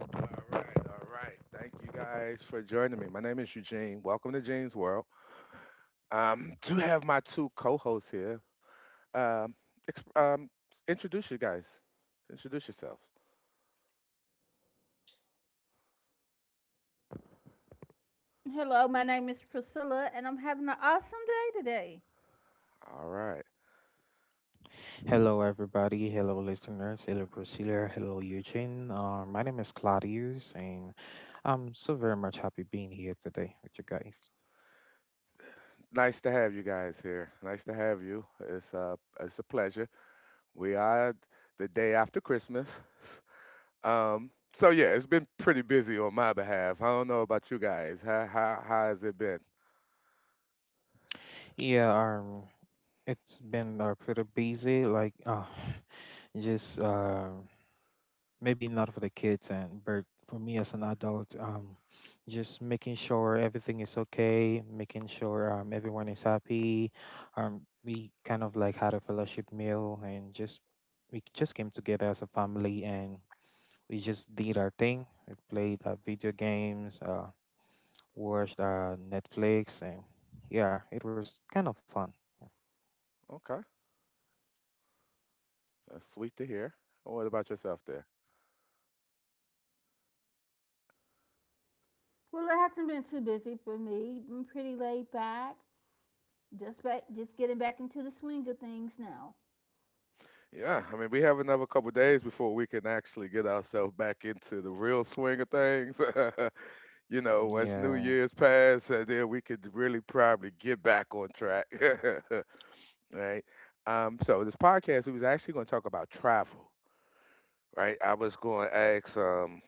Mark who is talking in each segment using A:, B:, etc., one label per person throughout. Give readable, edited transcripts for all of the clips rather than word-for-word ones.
A: All right, all right. Thank you guys for joining me. My name is Eugene. Welcome to Gene's World. Do have my two co-hosts here. Um, exp- um, introduce you guys. Introduce yourselves.
B: Hello, my name is Priscilla, and I'm having an awesome day today.
A: All right.
C: Hello, everybody. Hello, listeners. Hello, Priscilla. Hello, Eugene. My name is Claudius, and I'm so very much happy being here today with you guys.
A: Nice to have you guys here. Nice to have you. It's a pleasure. We are the day after Christmas. So yeah, it's been pretty busy on my behalf. I don't know about you guys. How has it been?
C: Yeah, um, it's been pretty busy. Just Maybe not for the kids and but for me as an adult, just making sure everything is okay, making sure everyone is happy. We kind of like had a fellowship meal, and just we just came together as a family, and we just did our thing. We played video games, watched Netflix, and yeah, it was kind of fun.
A: Okay, that's sweet to hear. What about yourself?
B: Well, it hasn't been too busy for me. Been pretty laid back. Just getting back into the swing of things now.
A: Yeah, I mean, we have another couple days before we can actually get ourselves back into the real swing of things. You know, once New
C: Yeah,
A: Year's pass, then we could really probably get back on track, right? So this podcast, we was actually going to talk about travel, right? I was going to ask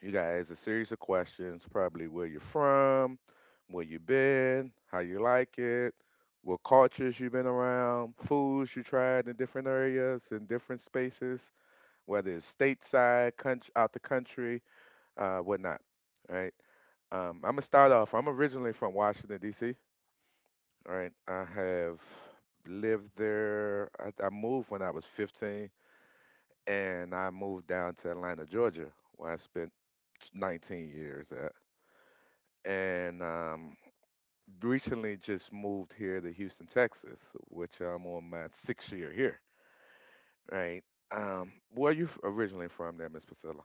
A: you guys a series of questions, probably where you're from, where you been, how you like it, what cultures you've been around, foods you tried in different areas and different spaces, whether it's stateside, country, out the country, whatnot. All right. I'm gonna start off. I'm originally from Washington D.C. Right. I have lived there. I moved when I was 15, and I moved down to Atlanta, Georgia, where I spent 19 years at. And recently just moved here to Houston, Texas, which I'm on my sixth year here. Right. Where are you originally from, there, Miss Priscilla?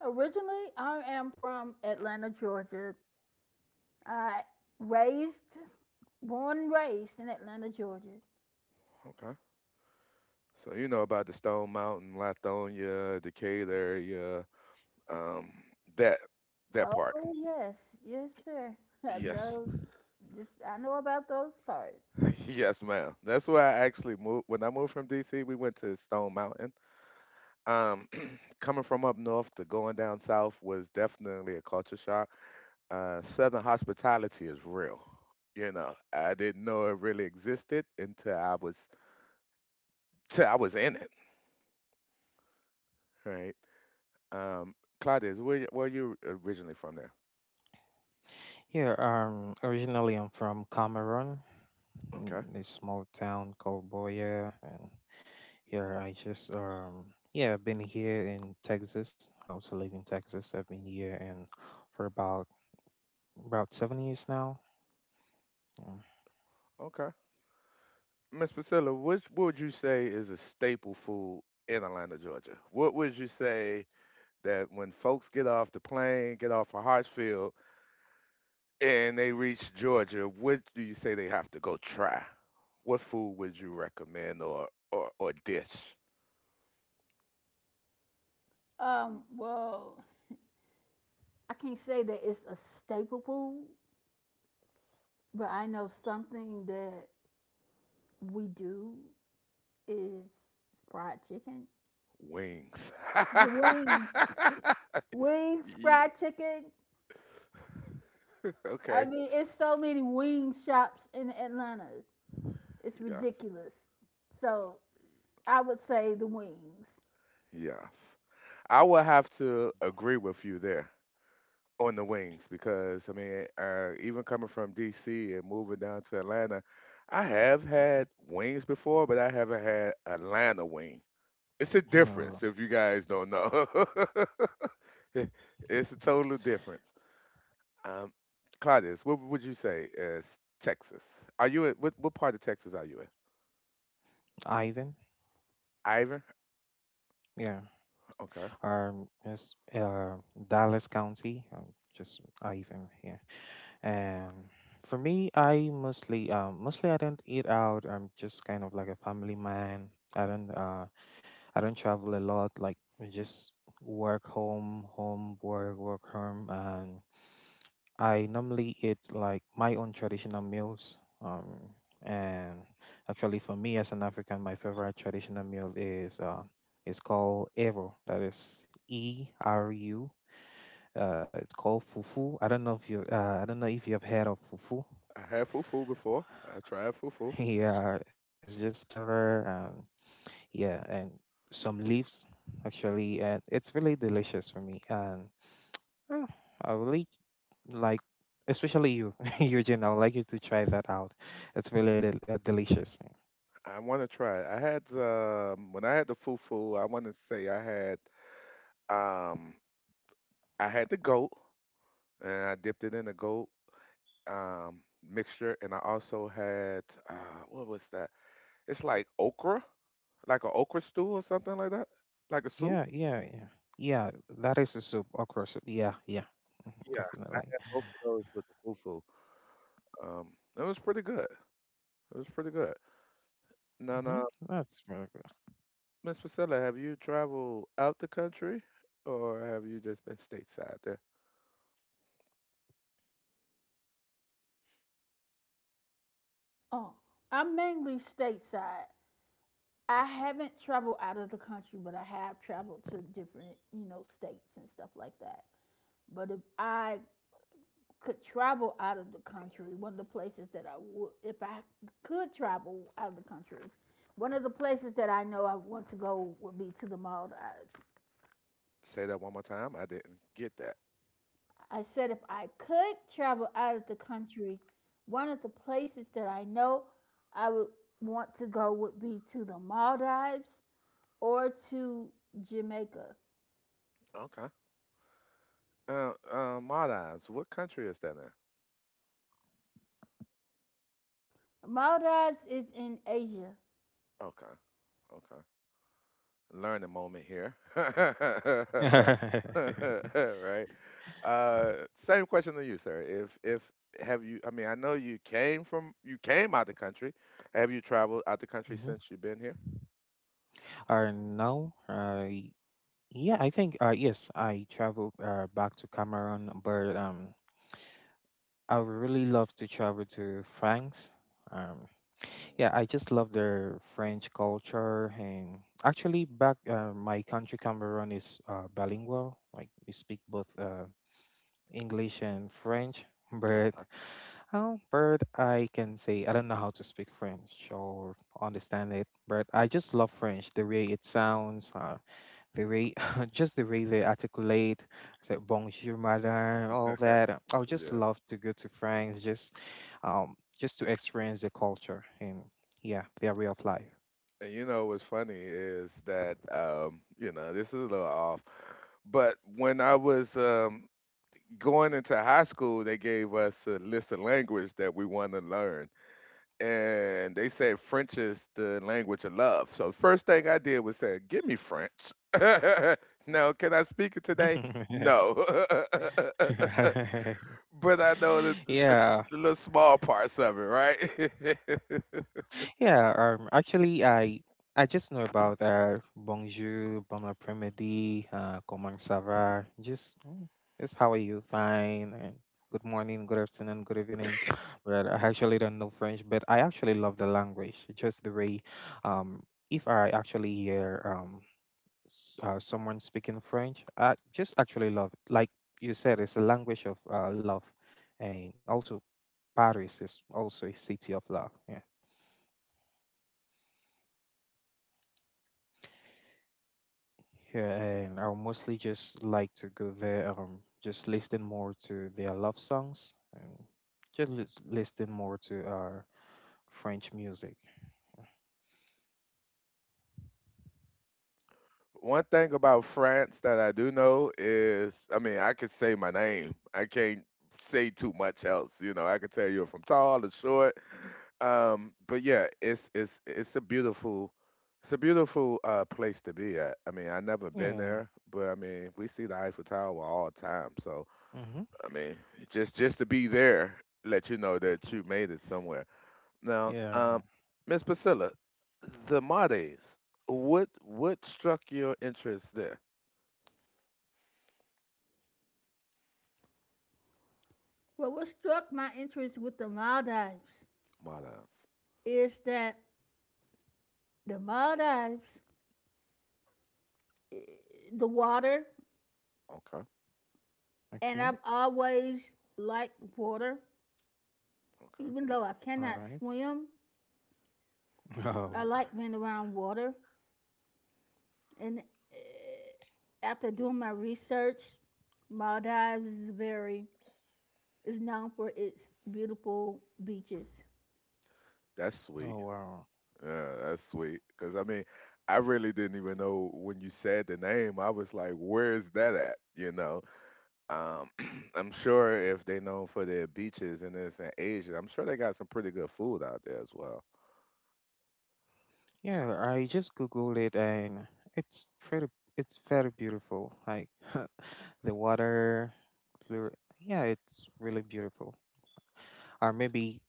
B: Originally, I am from Atlanta, Georgia. I raised, born, and raised in Atlanta, Georgia.
A: Okay. So you know about the Stone Mountain, Lithonia, Decatur area, um, that that part.
B: Oh yes, yes, sir. I've
A: Yes,
B: no, just I know about those parts.
A: yes, ma'am. That's where I actually moved. When I moved from DC, we went to Stone Mountain. Um, coming from up north to going down south was definitely a culture shock. Southern hospitality is real. You know, I didn't know it really existed until I was till I was in it. Right. Um, Claudia, where you originally from there?
C: here originally I'm from Cameroon.
A: Okay.
C: A small town called Boya, and yeah. I just Yeah, I've been here in Texas. I also live in Texas. I've been here, and for about 7 years now. Mm,
A: Okay. Miss Priscilla, which what would you say is a staple food in Atlanta, Georgia? What would you say that when folks get off the plane, get off of Hartsfield, and they reach Georgia, what do you say they have to go try? What food would you recommend or dish?
B: Well, I can't say that it's a staple food, but I know something that we do is fried chicken.
A: Wings.
B: The wings. Wings,
A: Ye-
B: fried chicken. I
A: okay.
B: mean, it's so many wing shops in Atlanta. It's
A: Yeah.
B: ridiculous. So I would say the wings.
A: Yes. I would have to agree with you there, on the wings, because I mean, even coming from DC and moving down to Atlanta, I have had wings before, but I haven't had Atlanta wing. It's a
C: hmm. Or
A: difference if you guys don't know. It's a total difference. Um, Claudius, what would you say is Texas? Are you in what part of Texas are you in?
C: Ivan,
A: Ivan?
C: yeah.
A: Okay.
C: It's Dallas County. Just Ivan here. And for me, I mostly I don't eat out. I'm just kind of like a family man. I don't uh I don't travel a lot. Like I just Work home, home work, work home, and I normally eat like my own traditional meals. And Actually, for me as an African, my favorite traditional meal is called Ero. That is ERU. It's called fufu. I don't know if you have heard of fufu.
A: I had fufu before. I tried fufu.
C: Yeah, it's just cassava, and yeah, and some leaves actually, and it's really delicious for me. And uh, I really like, especially you, Eugene. I would like you to try that out. It's really delicious.
A: I want to try it. I had the when I had the fufu, I want to say um I had the goat, and I dipped it in the goat um, mixture, and I also had what was that? It's like okra, like an okra stew or something like that, like a soup.
C: Yeah yeah yeah yeah that is a soup, okra soup. Yeah, yeah.
A: Yeah,
C: Definitely.
A: both of those with the fufu. Um, it was pretty good. It was pretty good. Now, now,
C: Hmm, that's really
A: Miss Priscilla, have you traveled out the country, or have you just been stateside there?
B: Oh, I'm mainly stateside. I haven't traveled out of the country, but I have traveled to different, you know, states and stuff like that. But if I could travel out of the country, one of the places that I would, if I could travel out of the country, one of the places that I know I want to go would be to the Maldives.
A: Say that one more time. I didn't get that.
B: I said if I could travel out of the country, one of the places that I know I would want to go would be to the Maldives or to Jamaica.
A: Okay. Maldives. What country is that in?
B: Maldives is in Asia.
A: Okay. Okay. Learning moment here.
C: good.
A: Right. Same question to you, sir. If have you? I mean, I know you came from, you came out the country. Have you traveled out the country
C: Hmm.
A: since you've been here?
C: Uh, now, uh, y- yeah, I think yes, I traveled back to Cameroon, but I would really love to travel to France. Um,
A: Mm.
C: Yeah, I just love their French culture. And actually, back my country, Cameroon, is bilingual. Like we speak both English and French.
A: Oh,
C: But
A: I,
C: but I can say I don't know how to speak French or understand it. But I just love French. The way it sounds, the way just the way they articulate, say bonjour madame, all that. I would just
A: yeah.
C: love to go to France, um, just to experience the culture and yeah, their way of life.
A: And you know what's funny is that you know, this is a little off, but when I was going into high school, they gave us a list of language that we want to learn, and they said French is the language of love. So the first thing I did was say, "Give me French." Now, can I speak it today? No, but I know the,
C: Yeah.
A: the little small parts of it, right?
C: Yeah, actually, I just know about Bonjour, Bon Après-midi, Comment ça va? Just how are you? Fine. And good morning, good afternoon, good evening. But I actually don't know French, but I actually love the language. Um, if I actually hear someone speaking French, I just actually love it. Like you said, it's a language of love, and also Paris is also a city of love. Yeah. Yeah, and I'll mostly just like to go there, just listen more to their love songs, and listen more to our French music.
A: One thing about France that I do know is, I mean, I could say my name. I can't say too much else. You know, I could tell you if I'm tall or short. But yeah, it's a beautiful place to be at. I mean, I never been there,
C: Yeah.
A: but I mean, we see the Eiffel Tower all the time. So
C: Mm-hmm.
A: I mean, just to be there, let you know that you made it somewhere. Now,
C: Yeah, yeah,
A: Miss Priscilla, the Mades, what struck your interest there?
B: Well, what struck my interest with the Maldives
A: Mades.
B: is that the Maldives the water,
A: Okay,
B: and
C: okay.
B: I've always liked water.
A: okay.
B: Even though I
C: All right.
B: cannot swim,
C: Oh.
B: I like being around water. And after doing my research, Maldives is known for its beautiful beaches.
A: That's
C: Oh,
A: sweet.
C: wow.
A: Yeah, that's sweet. Cause I mean, I really didn't even know when you said the name. I was like, where is that at? You know. Um, I'm sure if they known for their beaches and this in Asia, I'm sure they got some pretty good food out there as well.
C: Yeah, I just googled it, and it's pretty. It's very beautiful. Like the water, blue. Yeah, it's really beautiful. Or maybe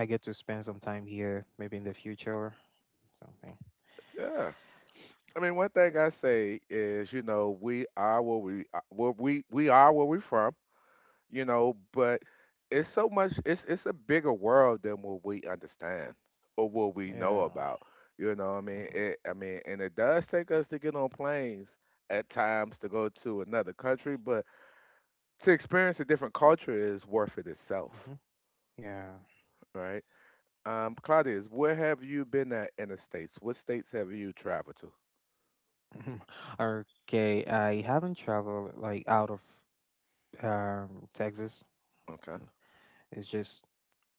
C: I get to spend some time here, maybe in the future, something.
A: Yeah. I mean, one thing I say is, you know, we are where we are, where we are where we from. You know, but it's so much it's a bigger world than what we understand or what we know
C: Yeah.
A: about. You know what I mean?
C: Hmm.
A: It I mean, and it does take us to get on planes at times to go to another country, but to experience a different culture is worth it itself,
C: Hmm. Yeah.
A: right? Claudius, where have you been at in the states? What states have you traveled to?
C: Okay. I haven't traveled like out of Texas.
A: Okay,
C: It's just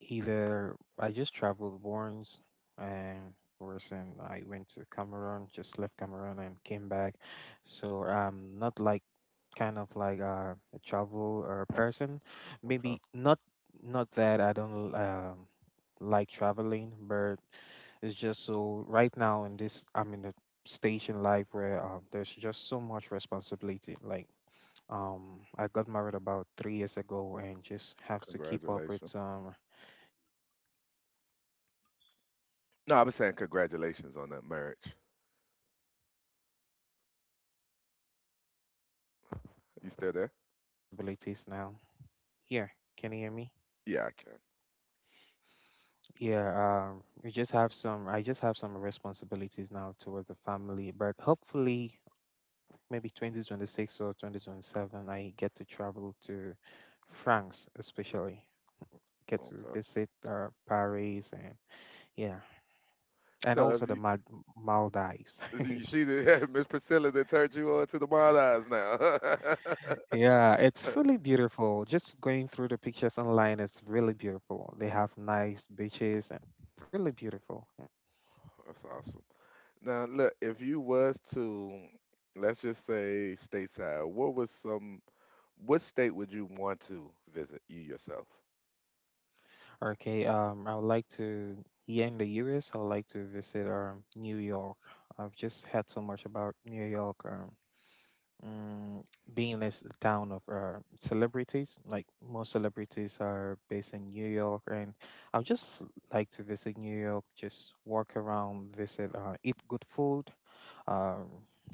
C: either I just traveled once and worse, and I went to Cameroon, just left Cameroon and came back. So I'm not kind of like a travel or a person.
A: okay.
C: Maybe not Not that I don't like traveling, but it's just so right now in this I'm in a stage in life where there's just so much responsibility. I got married about 3 years ago and just have to keep up with
A: Congratulations.
C: um. Yeah, thank you very much, and you know you just have to
A: No,
C: keep
A: I was
C: up with
A: saying
C: wife.
A: congratulations on that marriage.
C: Yeah, thank you. Um, so um, you just
A: You
C: have
A: still there?
C: some responsibilities now. Yeah, can you hear me?
A: Yeah, I can.
C: Yeah, we just have some. I just have some responsibilities now towards the family, but hopefully, maybe 2026 or 2027, I get to travel to France, especially. Get to
A: Okay.
C: visit Paris, and yeah, and
A: So
C: also
A: have
C: the
A: you?
C: Maldives.
A: You see the Miss Priscilla that turned you on to the Maldives now.
C: Yeah, it's really beautiful. Just going through the pictures online, it's really beautiful. They have nice beaches and really beautiful. Yeah.
A: That's awesome. Now look, if you was to, let's just say stateside, what was some, what state would you want to visit, you yourself?
C: Okay, I would like to, here in the US, I would like to visit New York. I've just heard so much about New York. Mm, being in this town of celebrities, like most celebrities are based in New York, and I would just like to visit New York, just walk around, visit, eat good food, um,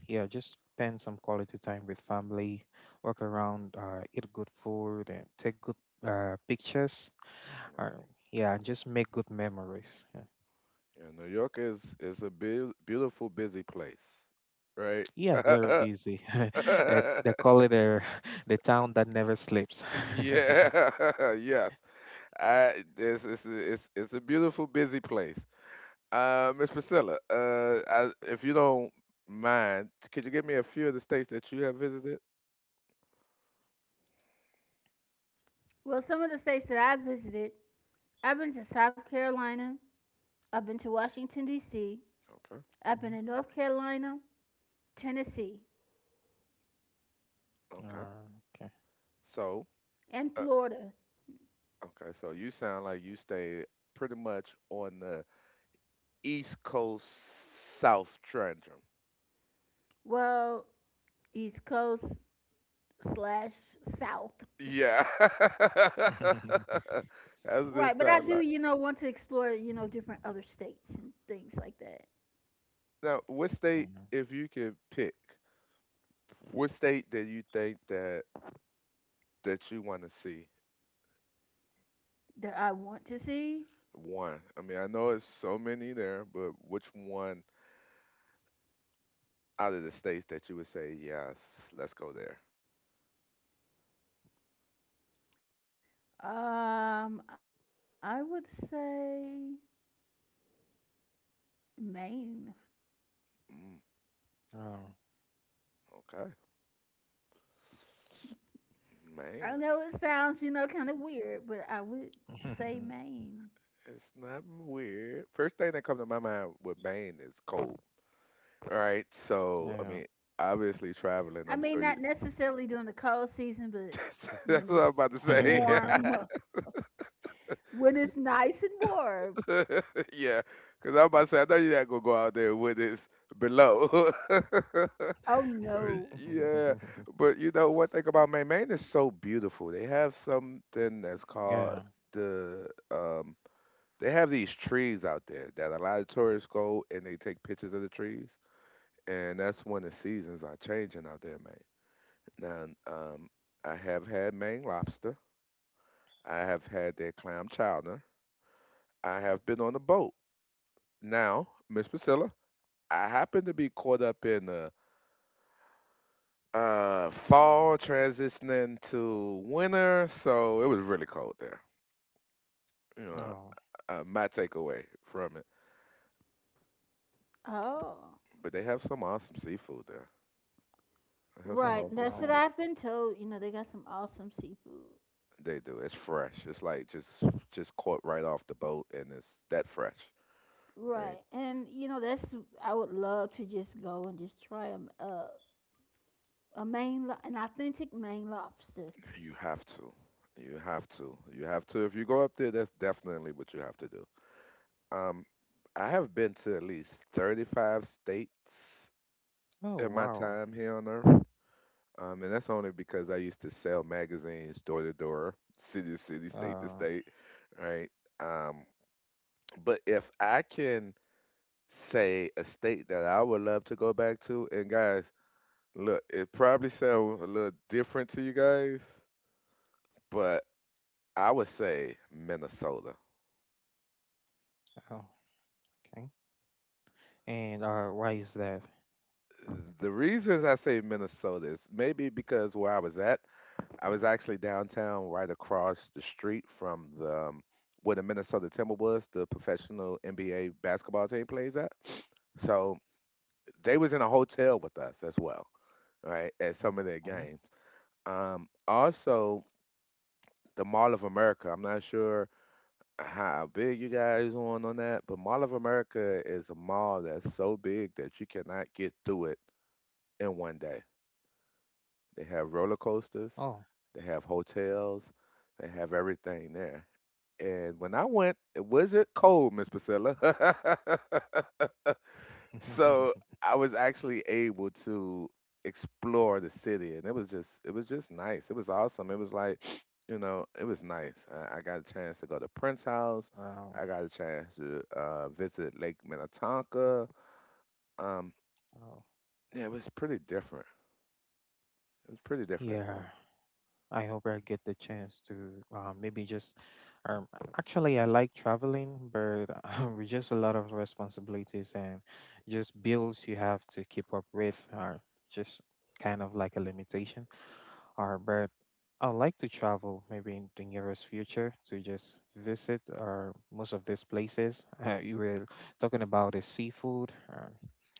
C: yeah, just spend some quality time with family, walk around, eat good food, and take good pictures,
A: Right.
C: or yeah, and just make good memories. Yeah,
A: Yeah, New York is a beautiful, busy place, right?
C: yeah, very busy. They call it the town that never sleeps.
A: Yeah, yes. I it's a beautiful, busy place. Miss Priscilla, I, if you don't mind, could you give me a few of the states that you have visited?
B: Well, some of the states that I visited, I've been to South Carolina, I've been to Washington D.C.,
A: Okay.
B: I've been to North Carolina, Tennessee,
A: Okay.
C: Ah, okay.
A: So,
B: and
A: uh,
B: Florida.
A: okay. So you sound like you stayed pretty much on the East Coast South Trendrum.
B: Well, East Coast, slash south.
A: Yeah. That's what it
B: Right, but I
A: sound
B: do,
A: like.
B: you know, want to explore, you know, different other states and things like that
A: Now, what state,
C: Mhm.
A: if you could pick, what state that you think that you want to see?
B: that I want to see.
A: One. I mean, I know it's so many there, but which one? Out of the states that you would say, yes, let's go there?
B: I would say Maine.
A: Mm,
C: Oh.
A: okay.
B: I
A: Maine.
B: know it sounds, you know, kind of weird, but I would say Maine.
A: It's not weird. First thing that comes to my mind with Maine is cold. All right? So, I
C: Yeah.
A: mean, obviously traveling,
B: I
A: I'm sure
B: mean,
A: you.
B: not necessarily during the cold season, but
A: That's
B: when
A: what I'm
B: it's
A: about to say.
B: warm, when it's nice and warm.
A: Yeah. Because I'm about to say, I know you're not going to go out there when it's below.
B: Oh
A: Uh,
B: no.
A: yeah, but you know one thing about Maine, Maine is so beautiful. They have something that's called
C: Yeah.
A: the they have these trees out there that a lot of tourists go and they take pictures of the trees. And that's when the seasons are changing out there, in Maine. Now, I have had Maine lobster. I have had their clam chowder. I have been on a boat. Now, Miss Priscilla, I happen to be caught up in fall transitioning to winter, so it was really cold there. You know,
C: Oh.
A: my takeaway from it.
B: Oh.
A: But they have some awesome seafood there. They have some
C: Oh,
B: Right,
A: awesome
B: that's what
C: wow.
A: seafood.
B: I've been told. You know, they got some awesome seafood.
A: They do. It's fresh. It's like just caught right off the boat, and it's that fresh. Right?
B: Right. And you know, that's I would love to just go and just try an authentic Maine lobster.
A: You have to. You have to. If you go up there, that's definitely what you have to do. Um, I have been to at least 35 states
C: Oh,
A: in my
C: wow.
A: time here on Earth. And that's only because I used to sell magazines door to door, city to city, state to
C: Uh,
A: state, right? Um, but if I can say a state that I would love to go back to, and guys, look, it probably sounds a little different to you guys, but I would say Minnesota.
C: oh, okay. And why is that?
A: The reasons I say Minnesota is maybe because where I was at, I was actually downtown, right across the street from the where the Minnesota Timberwolves, the professional NBA basketball team, plays at. So they was in a hotel with us as well, right, at some of their
C: Okay.
A: games. Also, the Mall of America. I'm not sure how big you guys on that, but Mall of America is a mall that's so big that you cannot get through it in one day. They have roller coasters,
C: Oh.
A: they have hotels, they have everything there. And when I went, it wasn't cold, Miss Priscilla. So I was actually able to explore the city, and it was just nice. It was awesome. It was like, it was nice. I got a chance to go to Prince House.
C: Wow.
A: I got a chance to visit Lake Minnetonka. Um,
C: Oh.
A: yeah, it was pretty different. It was pretty different. Then.
C: Yeah. I hope I get the chance to maybe just. Um, actually, I like traveling, but with just a lot of responsibilities and just bills you have to keep up with are just kind of like a limitation are, but I'd like to travel maybe in the nearest future to just visit or most of these places. You were talking about the seafood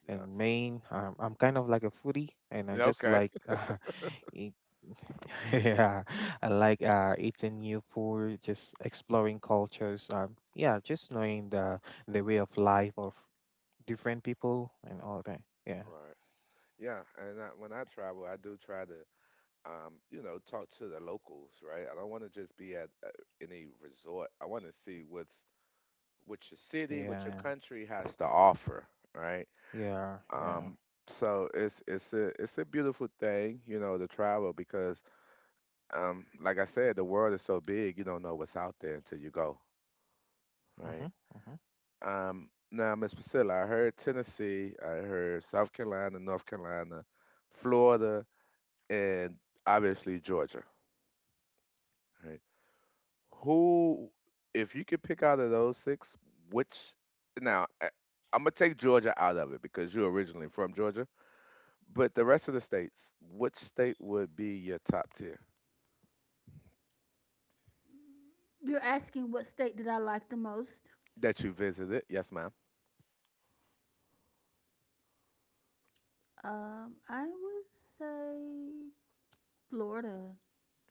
C: in
A: Yes.
C: Maine. I'm kind of like a foodie, and I
A: Yeah,
C: just
A: okay.
C: like eat, yeah, I like eating new food, just exploring cultures. Yeah, just knowing the way of life of different people and all that. Yeah,
A: Right. Yeah, and when I travel, I do try to talk to the locals, right? I don't want to just be at any resort. I want to see what your city, what your
C: yeah,
A: country has to offer, right?
C: yeah.
A: Um, so it's a beautiful thing, to travel because, like I said, the world is so big, you don't know what's out there until you go,
C: Mm-hmm,
A: right?
C: mm-hmm.
A: Now, Miss Priscilla, I heard Tennessee, I heard South Carolina, North Carolina, Florida, and obviously Georgia, right? Who, if you could pick out of those six, which now I'm gonna take Georgia out of it because you're originally from Georgia, but the rest of the states, which state would be your top tier
B: You're asking what state did I like the most?
A: that you visited? Yes, ma'am.
B: I would say Florida.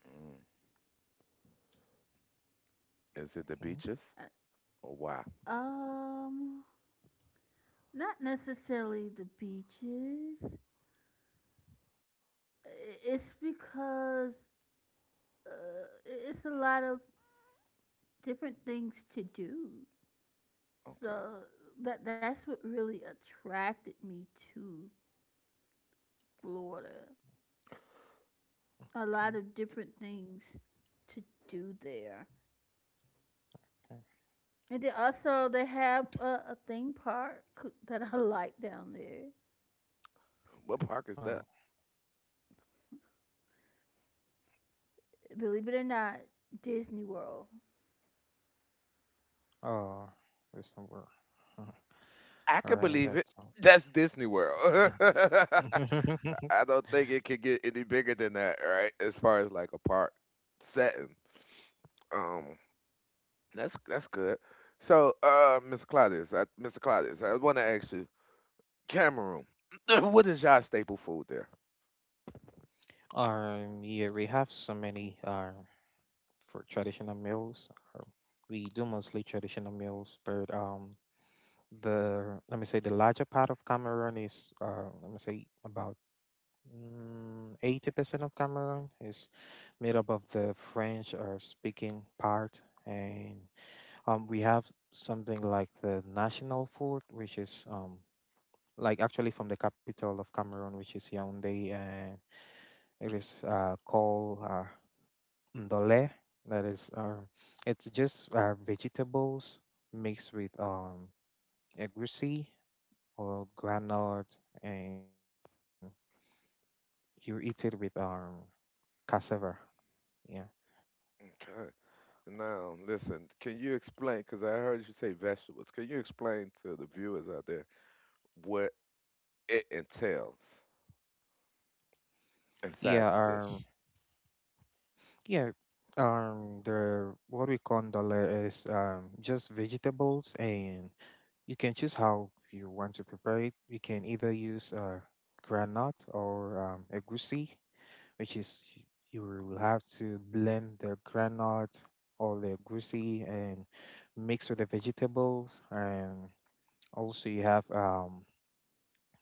A: Mm. Is it the beaches
B: I-
A: or why?
B: Um, Not necessarily the beaches. I- It's because uh, it's a lot of different things to do.
A: Okay,
B: So that's what really attracted me to Florida. A lot
C: Okay.
B: of different things to do there. And then also they have a theme park that I like down there.
A: what park is
C: Oh,
A: that?
B: Believe it or not, Disney World.
C: oh, there's no word. Huh.
A: I
C: All
A: can
C: right,
A: believe
C: that
A: it. That's Disney World.
C: sounds.
A: I don't think it could get any bigger than that, right? As far as like a park setting. Um, that's good. So, Mr. Claudius, I want to ask you, Cameroon, what is y'all staple food there?
C: Yeah, we have so many for traditional meals. Um, we do mostly traditional meals, but the let me say the larger part of Cameroon is let me say about 80% of Cameroon is made up of the French speaking part, and we have something like the national food, which is like actually from the capital of Cameroon, which is Yaoundé, and it is called ndole. That is, it's just vegetables mixed with egusi or granite, and you eat it with cassava. Yeah,
A: Okay. Now, listen, can you explain, because I heard you say vegetables, can you explain to the viewers out there what it entails inside
C: yeah,
A: the dish?
C: yeah. The what we call ndole is just vegetables. And you can choose how you want to prepare it. You can either use granite or egusi, which is y- you will have to blend the granite or the egusi and mix with the vegetables. And also, you have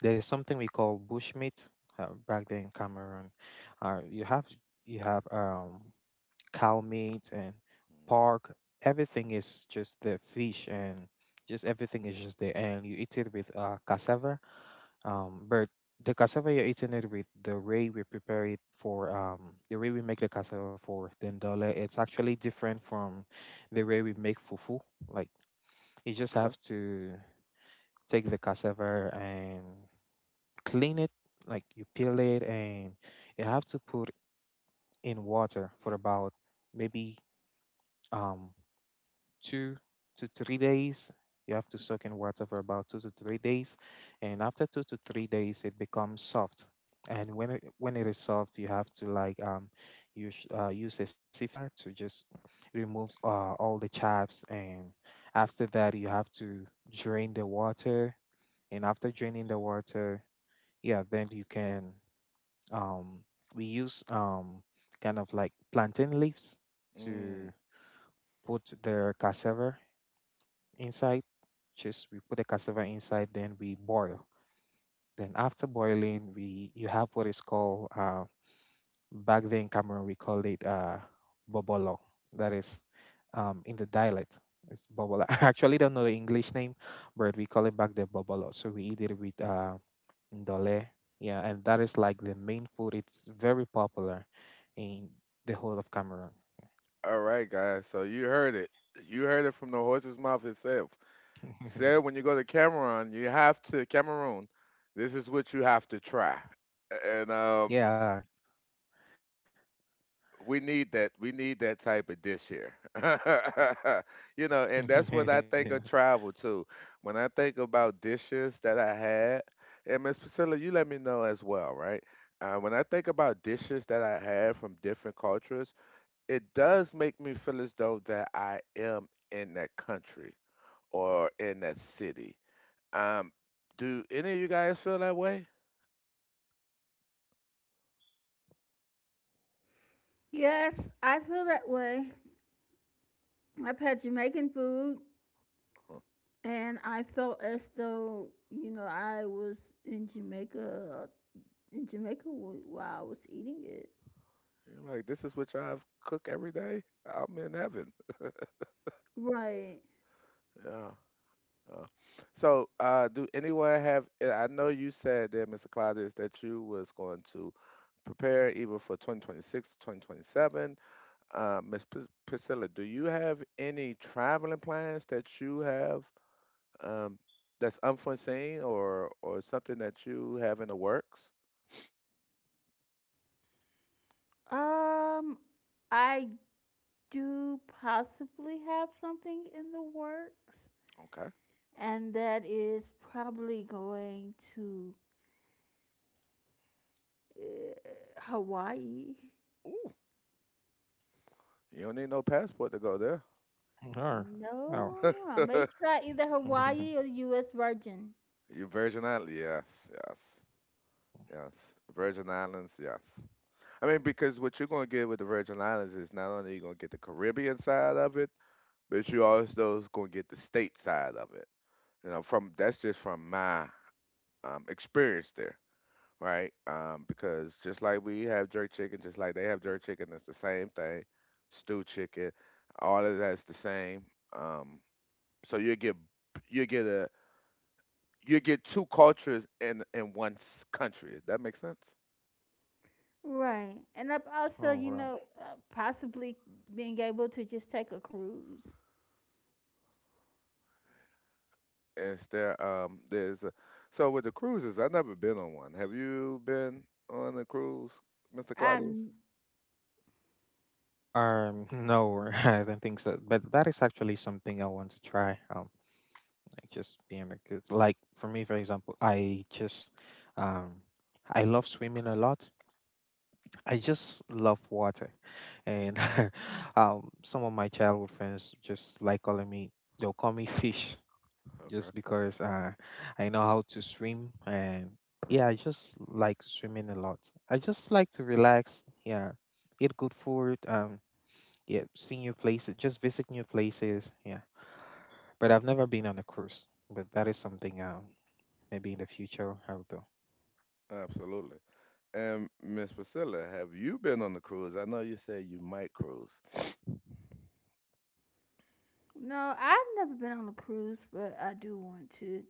C: there's something we call bushmeat back then in Cameroon. Uh, you have you have cow meat and
A: Mm,
C: pork. Everything is just the fish and just everything is just there. And you eat it with cassava. But the cassava you're eating it with, the way we prepare it for, the way we make the cassava for dendole, it's actually different from the way we make fufu. Like you just
A: okay.
C: have to take the cassava and clean it. Like you peel it, and you have to put in water for about maybe um 2 to 3 days. You have to soak in water for about 2 to 3 days, and after 2 to 3 days, it becomes soft. And when it is soft, you have to like use a sifter to just remove all the chaffs, and after that, you have to drain the water. And after draining the water, yeah, then you can um, we use kind of like plantain leaves to
A: Mm.
C: put the cassava inside. Just we put the cassava inside, then we boil. Then after boiling, we you have what is called back then in Cameroon, we call it bobolo. That is, in the dialect it's bobolo. I actually don't know the English name, but we call it back the bobolo. So we eat it with ndole. Yeah, and that is like the main food. It's very popular in the whole of Cameroon.
A: All right, guys. So you heard it. You heard it from the horse's mouth itself. He said when you go to Cameroon, you have to Cameroon. This is what you have to try. And
C: Yeah.
A: we need that type of dish here. And that's what I
C: Yeah.
A: think of travel too, when I think about dishes that I had. And Miss Priscilla, you let me know as well, right? When I think about dishes that I had from different cultures, it does make me feel as though that I am in that country or in that city. um, do any of you guys feel that way?
B: Yes, I feel that way. I've had Jamaican food
A: Huh.
B: and I felt as though, you know, I was in Jamaica in Jamaica while I was eating it.
A: You're like, this is what y'all cook every day. I'm in heaven.
B: Right.
A: Yeah. Uh, so, do anyone have? I know you said there, Mr. Cloudis, that you was going to prepare either for 2026, 2027. 2027. Ms. Priscilla, do you have any traveling plans that you have, um, that's unforeseen or something that you have in the works?
B: Um I do possibly have something in the works,
A: Okay.
B: and that is probably going to uh, Hawaii.
A: Ooh, you don't need no passport to go there.
C: Oh. Oh.
B: No, I may try either Hawaii or U.S. Virgin.
A: You Virgin Islands, yes, yes, yes. Virgin Islands, yes. I mean, because what you're going to get with the Virgin Islands is not only you're going to get the Caribbean side of it, but you also going to get the state side of it. You know, from that's just from my, experience there, right? Because just like we have jerk chicken, just like they have jerk chicken, it's the same thing. Stew chicken, all of that's the same. Um, so you get, you get a two cultures in one country. Does that make sense?
B: Right, and I've also,
C: Oh,
B: you
C: wow.
B: know, possibly being able to just take a cruise.
A: Is there there's a, so with the cruises, I've never been on one. Have you been on a cruise, Mr.
B: I
A: Claudius?
C: No, I don't think so. But that is actually something I want to try. Like just being a good, like for me, for example, I just, um, I love swimming a lot. I just love water, and some of my childhood friends just like calling me. They'll call me fish
A: Okay,
C: just because I know how to swim, and yeah, I just like swimming a lot. I just like to relax. Yeah, eat good food. Yeah, see new places, just visit new places. Yeah, but I've never been on a cruise, but that is something maybe in the future I'll do.
A: absolutely. And Miss Priscilla, have you been on the cruise? I know you said you might cruise.
B: No, I've never been on a cruise, but I do want to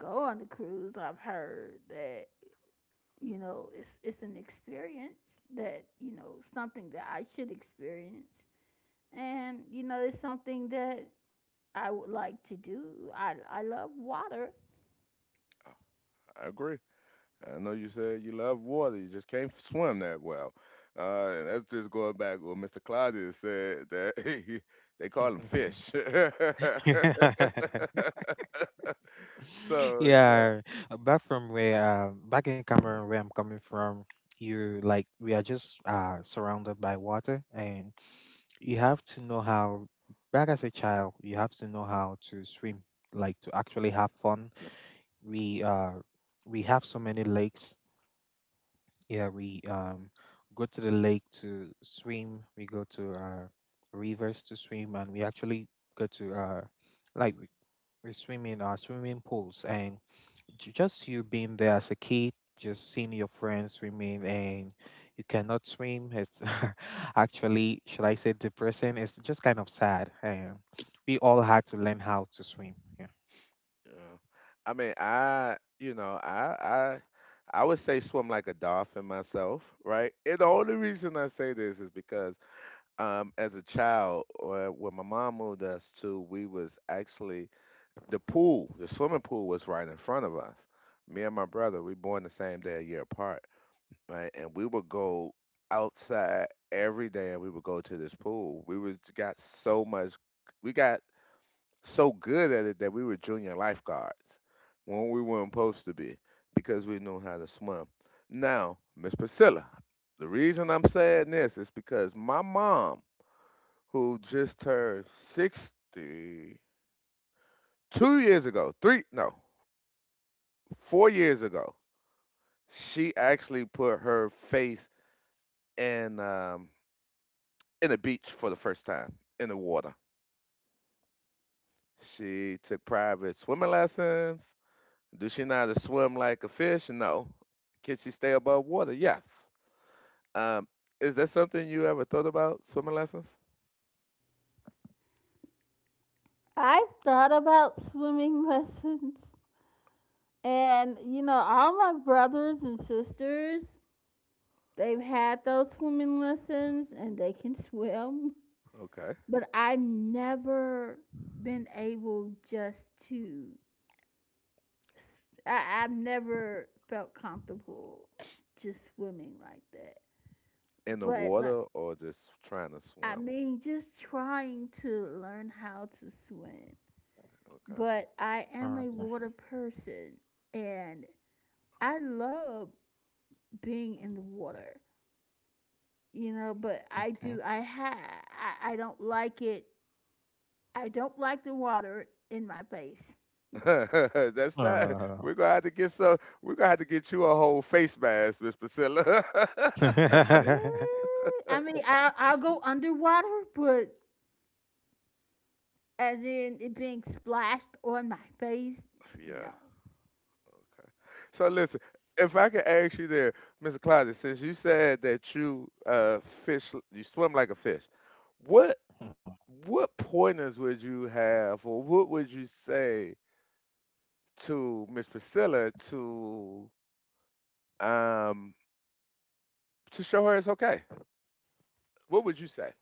B: go on a cruise. I've heard that you know, it's an experience that you know something that I should experience, and you know, it's something that I would like to do. I love water.
A: Oh, I agree. I know you said you love water. You just can't swim that well. And that's just going back what Mr. Claudius said, that he, they call him fish. So
C: Yeah, back in Cameroon, where I'm coming from, you like we are just surrounded by water, and you have to know how. Back as a child, you have to know how to swim, like to actually have fun. We uh we have so many lakes. Yeah, we go to the lake to swim. We go to rivers to swim, and we actually go to like we we swim in our swimming pools, and just you being there as a kid, just seeing your friends remain and you cannot swim. It's, actually, should I say, depressing? It's just kind of sad. And we all had to learn how to swim. Yeah.
A: yeah. I mean, I, you know, I would say swim like a dolphin myself, right? And the only reason I say this is because, as a child, or when my mom moved us to, we was actually the pool, the swimming pool was right in front of us. Me and my brother, we born the same day, a year apart, right? And we would go outside every day, and we would go to this pool. We got so good at it that we were junior lifeguards when we weren't supposed to be, because we knew how to swim. Now, Miss Priscilla, the reason I'm saying this is because my mom, who just turned 62 years ago, three, no, 4 years ago, she actually put her face in, um, in the beach for the first time in the water. She took private swimming lessons. Do she know how to swim like a fish? No. Can she stay above water? Yes. Um, is that something you ever thought about, swimming lessons?
B: I've thought about swimming lessons, and you know, all my brothers and sisters they've had those swimming lessons and they can swim,
A: Okay.
B: but I've never been able just to I've never felt comfortable just swimming like that.
A: In the
B: But like
A: water or just trying to
B: I
A: swim?
B: mean just trying to learn how to swim. But I am a
C: Okay.
B: water person and I love being in the water. You know, but I
C: Okay.
B: do I ha I don't like it. I don't like the water in my face.
A: Okay. That's not. We're gonna have to get so. We're gonna have to get you a whole face mask, Miss Priscilla.
B: Yeah.
C: Uh,
B: I mean I'll go underwater, but as in it being splashed on my face?
A: Yeah.
B: No.
A: Okay. So listen, if I could ask you there, Mr. Closet, since you said that you fish, you swim like a fish, what what pointers would you have, or what would you say to Miss Priscilla um to show her it's okay? What would you say?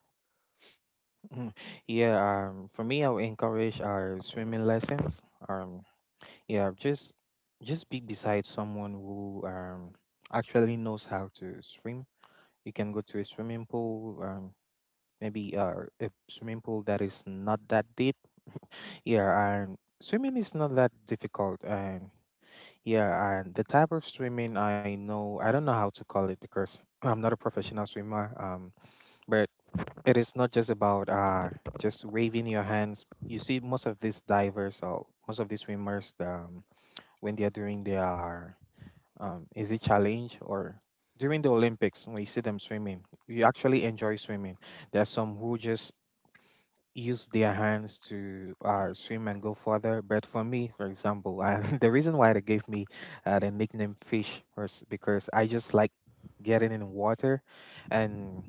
C: Mm, yeah, for me, I'll encourage our swimming lessons. Um, yeah, just be beside someone who actually knows how to swim. You can go to a swimming pool, maybe a swimming pool that is not that deep. Yeah, and swimming is not that difficult. And yeah, and the type of swimming I know, I don't know how to call it because I'm not a professional swimmer. But. It is not just about just waving your hands. You see, most of these divers or most of these swimmers, when they are doing their is it challenge, or during the Olympics, when you see them swimming, you actually enjoy swimming. There are some who just use their hands to swim and go further. But for me, for example, I, the reason why they gave me the nickname fish was because I just like getting in water, and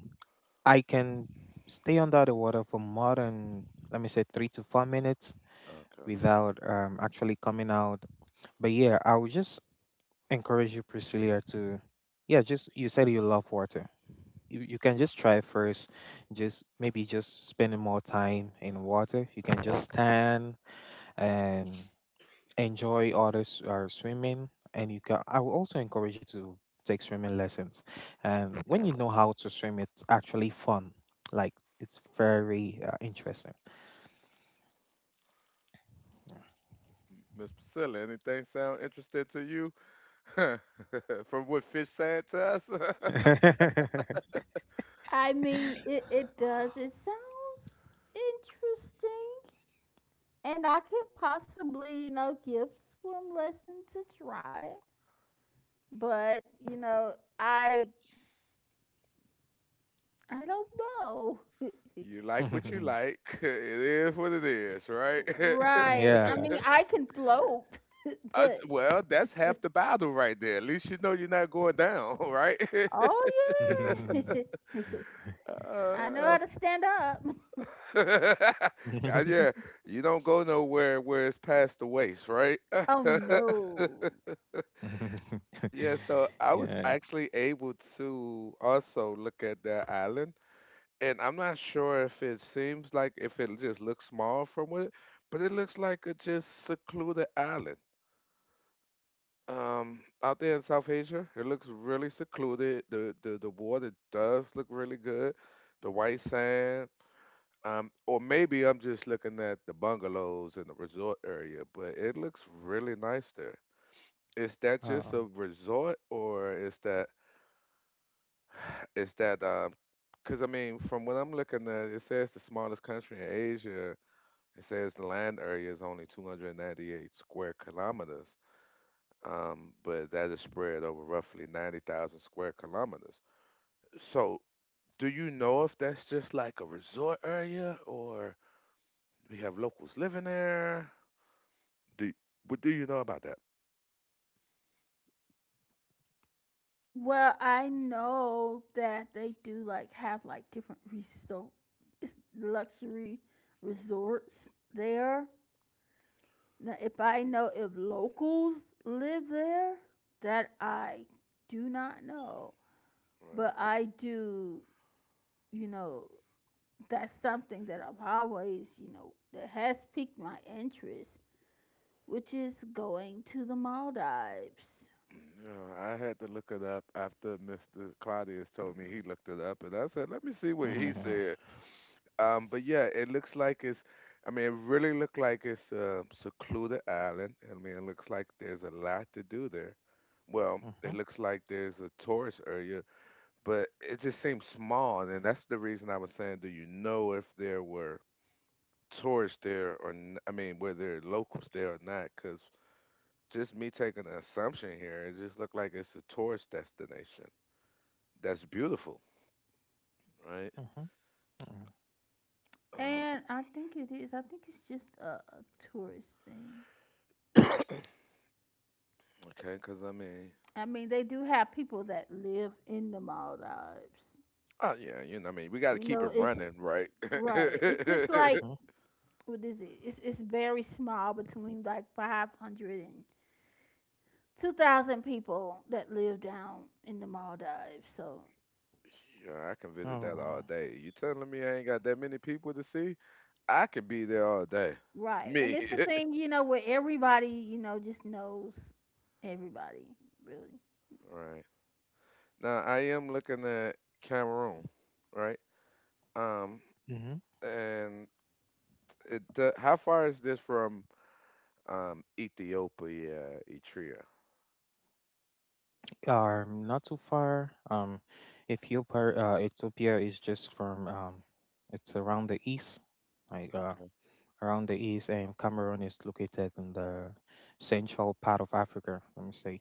C: I can stay under the water for more than, let me say, 3 to 4 minutes
A: Okay,
C: without actually coming out. But yeah, I would just encourage you, Priscilla, to yeah, just you said you love water. You can just try first, just maybe just spending more time in water. You can just stand and enjoy others swimming, and you can I will also encourage you to take swimming lessons, and when you know how to swim it's actually fun, like it's very interesting.
A: Miss Priscilla, anything sound interesting to you, from what Fish said to us?
B: I mean, it does. It sounds interesting. And I could possibly, you know, give swim lessons to try. But, you know, I I don't know.
A: You like what you like. It is what it is, right?
B: Right.
C: Yeah.
B: I mean, I can float, but
A: Well, that's half the battle right there. At least you know you're not going down, right?
B: oh yeah. I know
A: uh,
B: how to stand up.
A: yeah, yeah, you don't go nowhere where it's past the waist, right?
B: Oh no.
A: Yeah, so I was
C: Yeah.
A: actually able to also look at that island, and I'm not sure if it seems like, if it just looks small from it, but it looks like a just secluded island. Out there in South Asia, it looks really secluded. The water does look really good. The white sand. Or maybe I'm just looking at the bungalows in the resort area, but it looks really nice there. Is that just a
C: Oh.
A: resort, or is that? Because I mean, from what I'm looking at, it says the smallest country in Asia. It says the land area is only 298 square kilometers, but that is spread over roughly 90,000 square kilometers. So, do you know if that's just like a resort area, or we have locals living there? Do What do you know about that?
B: Well, I know that they do, like, have, like, different resto luxury resorts there. Now if I know if locals live there, that I do not know,
A: Right.
B: but I do you know, that's something that I've always, you know, that has piqued my interest, which is going to the Maldives,
A: Yeah, I had to look it up after Mr. Claudius told me he looked it up, and I said, "Let me see what
C: Mhm.
A: he
C: Mhm.
A: said." But yeah, it looks like it's. I mean, it really looked like it's a secluded island. I mean, it looks like there's a lot to do there. Well, it
C: Mhm.
A: looks like there's a tourist area, but it just seems small, and that's the reason I was saying, do you know if there were tourists there, I mean, were there locals there or not? Because just me taking an assumption here, it just looked like it's a tourist destination. That's beautiful, right?
C: Mhm.
A: Uh,
B: and I think it is I think it's just a tourist thing.
A: okay, because I mean,
B: I mean, they do have people that live in the Maldives.
A: oh yeah, you know, I mean, we got to
B: You
A: keep
B: know,
A: it
B: it's
A: running, right?
B: right. It's
A: Yeah,
B: just like
C: Mhm.
B: what is it? It's very small between like 500 and 2,000 people that live down in the Maldives. So,
A: I can visit that all
C: Oh.
A: day. You telling me I ain't got that many people to see? I could be there all day.
B: right. And
A: Me.
B: it's the thing, you know, where everybody, you know, just knows everybody, really.
A: Right. Now I am looking at Cameroon, right? Um,
C: Mhm.
A: and how far is this from Ethiopia, Eritrea?
C: Not too far. Ethiopia is just from it's around the east, like around the east, and Cameroon is located in the central part of Africa. Let me say,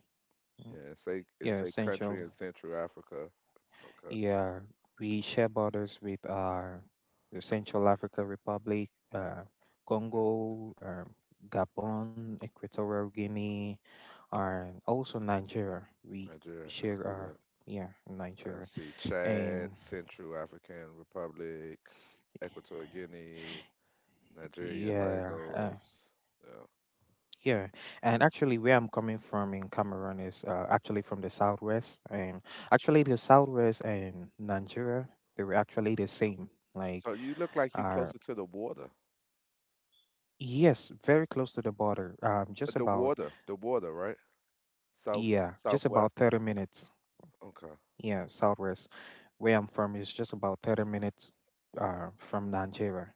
C: mm,
A: Yeah, it's a it's
C: yeah,
A: a country
C: central.
A: in Central Africa. Okay,
C: Yeah, we share borders with the Central African Republic,
A: Ni-
C: Congo, Gabon, Equatorial Guinea, and also Nigeria. We
A: Nigeria. I
C: share
A: see
C: our
A: that.
C: yeah,
A: I
C: Nigeria.
A: see Chad,
C: And
A: Central African Republic, Equatorial Guinea, Nigeria,
C: yeah,
A: Lagos. Yeah.
C: yeah. And actually, where I'm coming from in Cameroon is actually from the southwest. And actually, the southwest and Nigeria, they were actually the same. Like,
A: So you look like you're
C: uh,
A: closer to the water.
C: yes, very close to the border. Just
A: The
C: about,
A: water, the water, right? South,
C: yeah, just about
A: southwest.
C: 30 minutes.
A: Okay,
C: Yeah, southwest. Where I'm from is just about 30 minutes from Nigeria.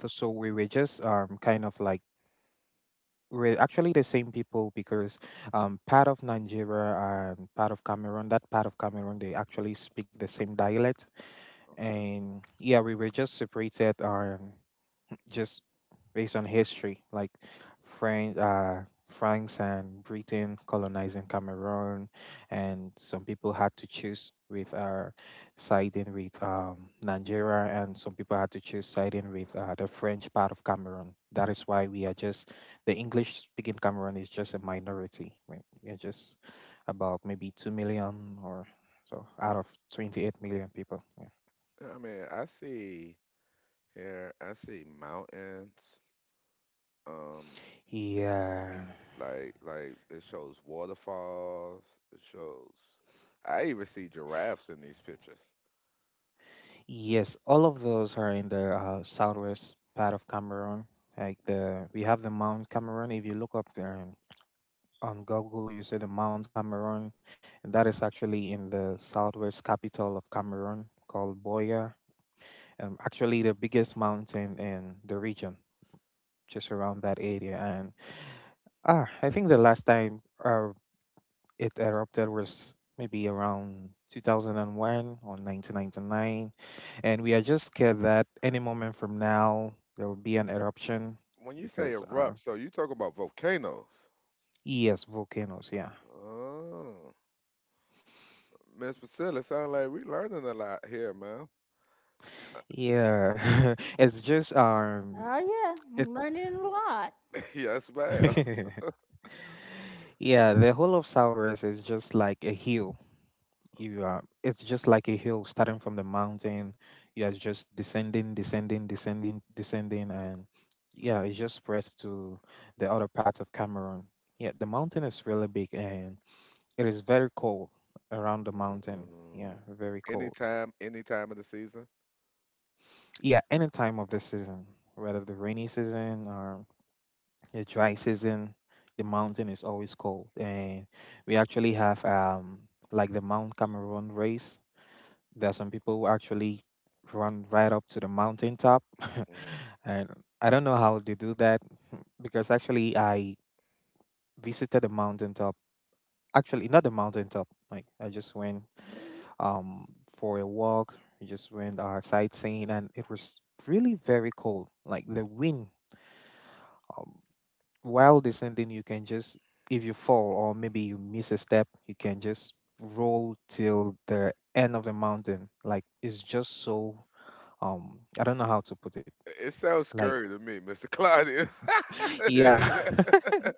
C: So so we were just kind of like we're actually the same people because part of Nigeria and part of Cameroon, that part of Cameroon, they actually speak the same dialect.
A: okay.
C: And yeah, we were just separated. Just based on history, like French, uh, France and Britain colonizing Cameroon, and some people had to choose with siding with Nigeria, and some people had to choose siding with the French part of Cameroon. That is why we are just the English speaking Cameroon is just a minority. We are just about maybe 2 million or so out of 28 million people. Yeah.
A: Yeah, I mean, I see here. I see mountains. Um,
C: Yeah.
A: like it shows waterfalls. It shows. I even see giraffes in these pictures.
C: Yes, all of those are in the southwest part of Cameroon. Like the we have the Mount Cameroon. If you look up there on Google, you see the Mount Cameroon, and that is actually in the southwest capital of Cameroon called Boya. Actually, the biggest mountain in the region, just around that area. And ah, I think the last time it erupted was maybe around 2001 or 1999, and we are just scared that any moment from now there will be an eruption
A: When you say
C: because
A: erupt, so you talking about volcanoes?
C: yes volcanoes yeah.
A: Oh, Miss Priscilla, sound like we learning a lot here, man.
C: Yeah. It's just
B: Oh yeah,
C: it.
B: I'm learning a lot.
A: Yes, ma'am.
C: Yeah, the whole of southwest is just like a hill. You
A: Okay.
C: are it's just like a hill starting from the mountain. You are just descending, descending, descending, descending, and yeah, it just spreads to the other parts of Cameroon. Yeah, the mountain is really big, and it is very cold around the mountain. Yeah,
A: Mm.
C: very cold.
A: Anytime, any time of the season.
C: Yeah, any time of the season, whether the rainy season or the dry season, the mountain is always cold. And we actually have like the Mount Cameroon race. There are some people who actually run right up to the mountaintop.
A: Mm.
C: And I don't know how they do that. Because actually I visited the mountaintop. Actually, not the mountaintop. Like I just went um for a walk. We just went sightseeing, and it was really very cold. Like the wind, um, while descending, you can just if you fall or maybe you miss a step, you can just roll till the end of the mountain. Like it's just so I don't know how to put it,
A: It sounds
C: like
A: scary to me, Mr. Claudius.
C: yeah.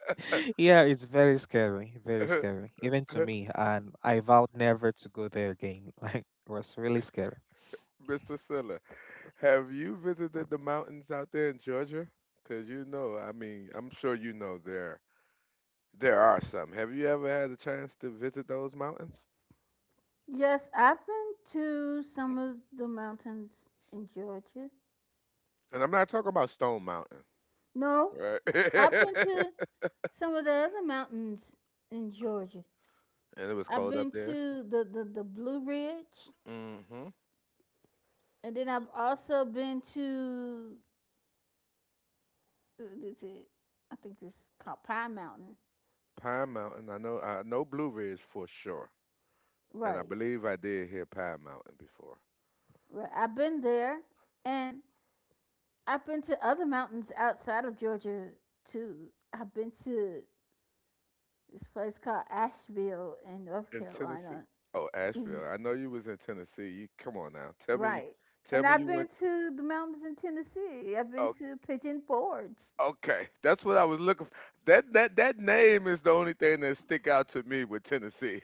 C: Yeah, it's very scary, very scary, even to me, and I vowed never to go there again. Like it was really scary.
A: Miss Priscilla, have you visited the mountains out there in Georgia? Because you know, I mean, I'm sure you know there are some. Have you ever had a chance to visit those mountains?
B: Yes, I've been to some of the mountains in Georgia.
A: And I'm not talking about Stone Mountain,
B: No,
A: right?
B: I've been
A: And
B: to some of the other mountains in Georgia.
A: it was
B: I've
A: cold up
B: been
A: there.
B: to the Blue Ridge,
A: Hmm.
B: and then I've also been to, what is it? I think it's called Pine Mountain.
A: Pine Mountain. I know. I know Blue Ridge for sure. And I
B: Right,
A: believe I did hear Pine Mountain before
B: right. I've been there, and I've been to other mountains outside of Georgia too. I've been to this place called Asheville in North
A: in Tennessee.
B: Carolina.
A: Oh,
B: Mm.
A: Asheville. I know you was in Tennessee. You, come on now. Tell me.
B: Right.
A: Tell
B: And
A: me
B: I've
A: you
B: been
A: went.
B: to the mountains in Tennessee. I've been
A: Oh,
B: to Pigeon Forge.
A: okay, that's what I was looking for. That name is the only thing that stick out to me with Tennessee.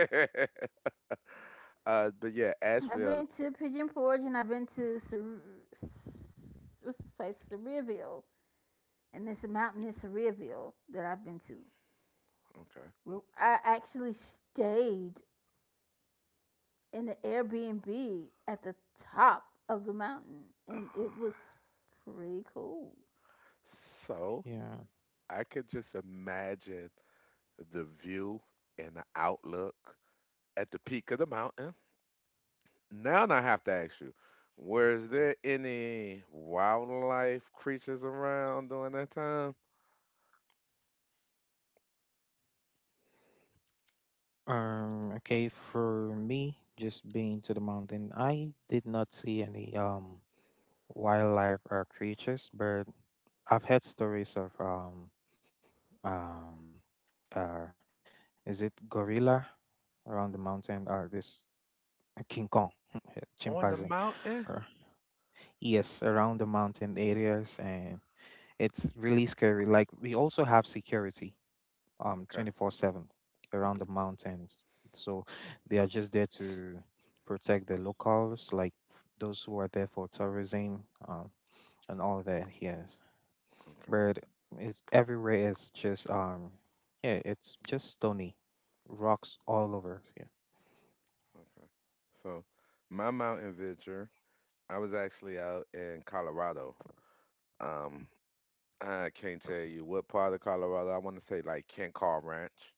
A: But yeah, Asheville.
B: I've been to Cer- what's this place? Cereaville, and it's a mountain in Cereaville that I've been to.
A: Okay.
B: Well, I actually stayed in the Airbnb at the top of the mountain,
A: Uh,
B: and it was pretty cool.
A: So
C: Yeah.
A: I could just imagine the view and the outlook at the peak of the mountain. Now I have to ask you, was there any wildlife creatures around during that time
C: Okay, for me, just being to the mountain, I did not see any wildlife or creatures, but I've heard stories of um uh is it gorilla around the mountain, or this a King Kong,
A: on the
C: chimpanzee.
A: mountain?
C: Or, yes, around the mountain areas, and it's really scary. Like we also have security,
A: Okay,
C: 24/7 around the mountains. So they are just there to protect the locals, like f- those who are there for tourism, and all that. Yes,
A: okay,
C: but it's everywhere. It's just yeah, it's just stony rocks all over. Yeah.
A: okay. So my mountain venture. I was actually out in Colorado. Um, I can't tell you what part of Colorado. I want to say like Kencar Ranch,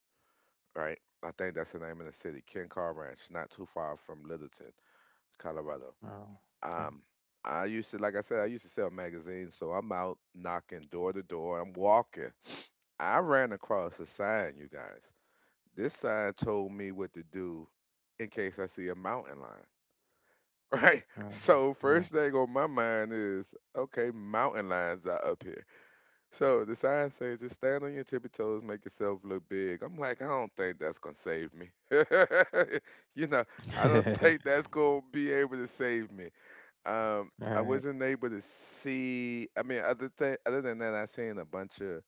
A: right? I think that's the name of the city, Kencar Ranch, not too far from Littleton, Colorado.
C: Oh, okay.
A: Um, I used to, like I said, I used to sell magazines, so I'm out knocking door to door. I'm walking. I ran across a sign, you guys. This sign told me what to do in case I see a mountain lion. Right. So first
C: Um,
A: thing on my mind is, okay, mountain lions are up here. So the sign says just stand on your tippy toes, make yourself look big. I'm like, I don't think that's gonna save me. You know, I don't
C: uh,
A: think that's gonna be able to save me.
C: all
A: I
C: right.
A: wasn't able to see. I mean, other thing, other than that, I seen a bunch of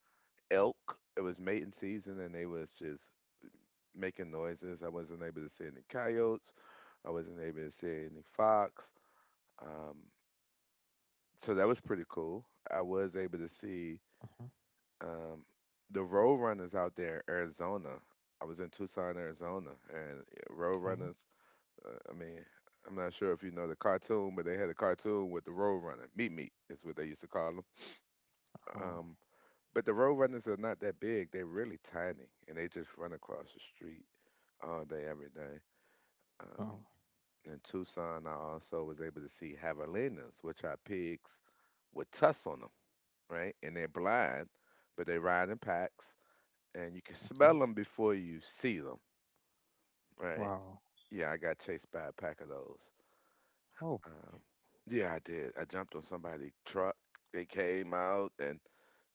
A: elk. It was mating season, and they was just making noises. I wasn't able to see any coyotes. I wasn't able to see any fox. Um, so that was pretty cool. I was able to see
C: Mhm.
A: um, the road runners out there, Arizona. I was in Tucson, Arizona, and road
C: Okay.
A: runners. I mean, I'm not sure if you know the cartoon, but they had a cartoon with the road runner. Meet Meat is what they used to call them.
C: Oh.
A: Um, but the road runners are not that big. They're really tiny, and they just run across the street all day, every day. Um,
C: Oh.
A: in Tucson, I also was able to see javelinas, which are pigs with tusks on 'em right? And they're blind, but they ride in packs, and you can
C: Okay.
A: smell them before you see them, right?
C: Wow.
A: Yeah, I got chased by a pack of those.
C: Oh.
A: Um, yeah, I did. I jumped on somebody's truck. They came out and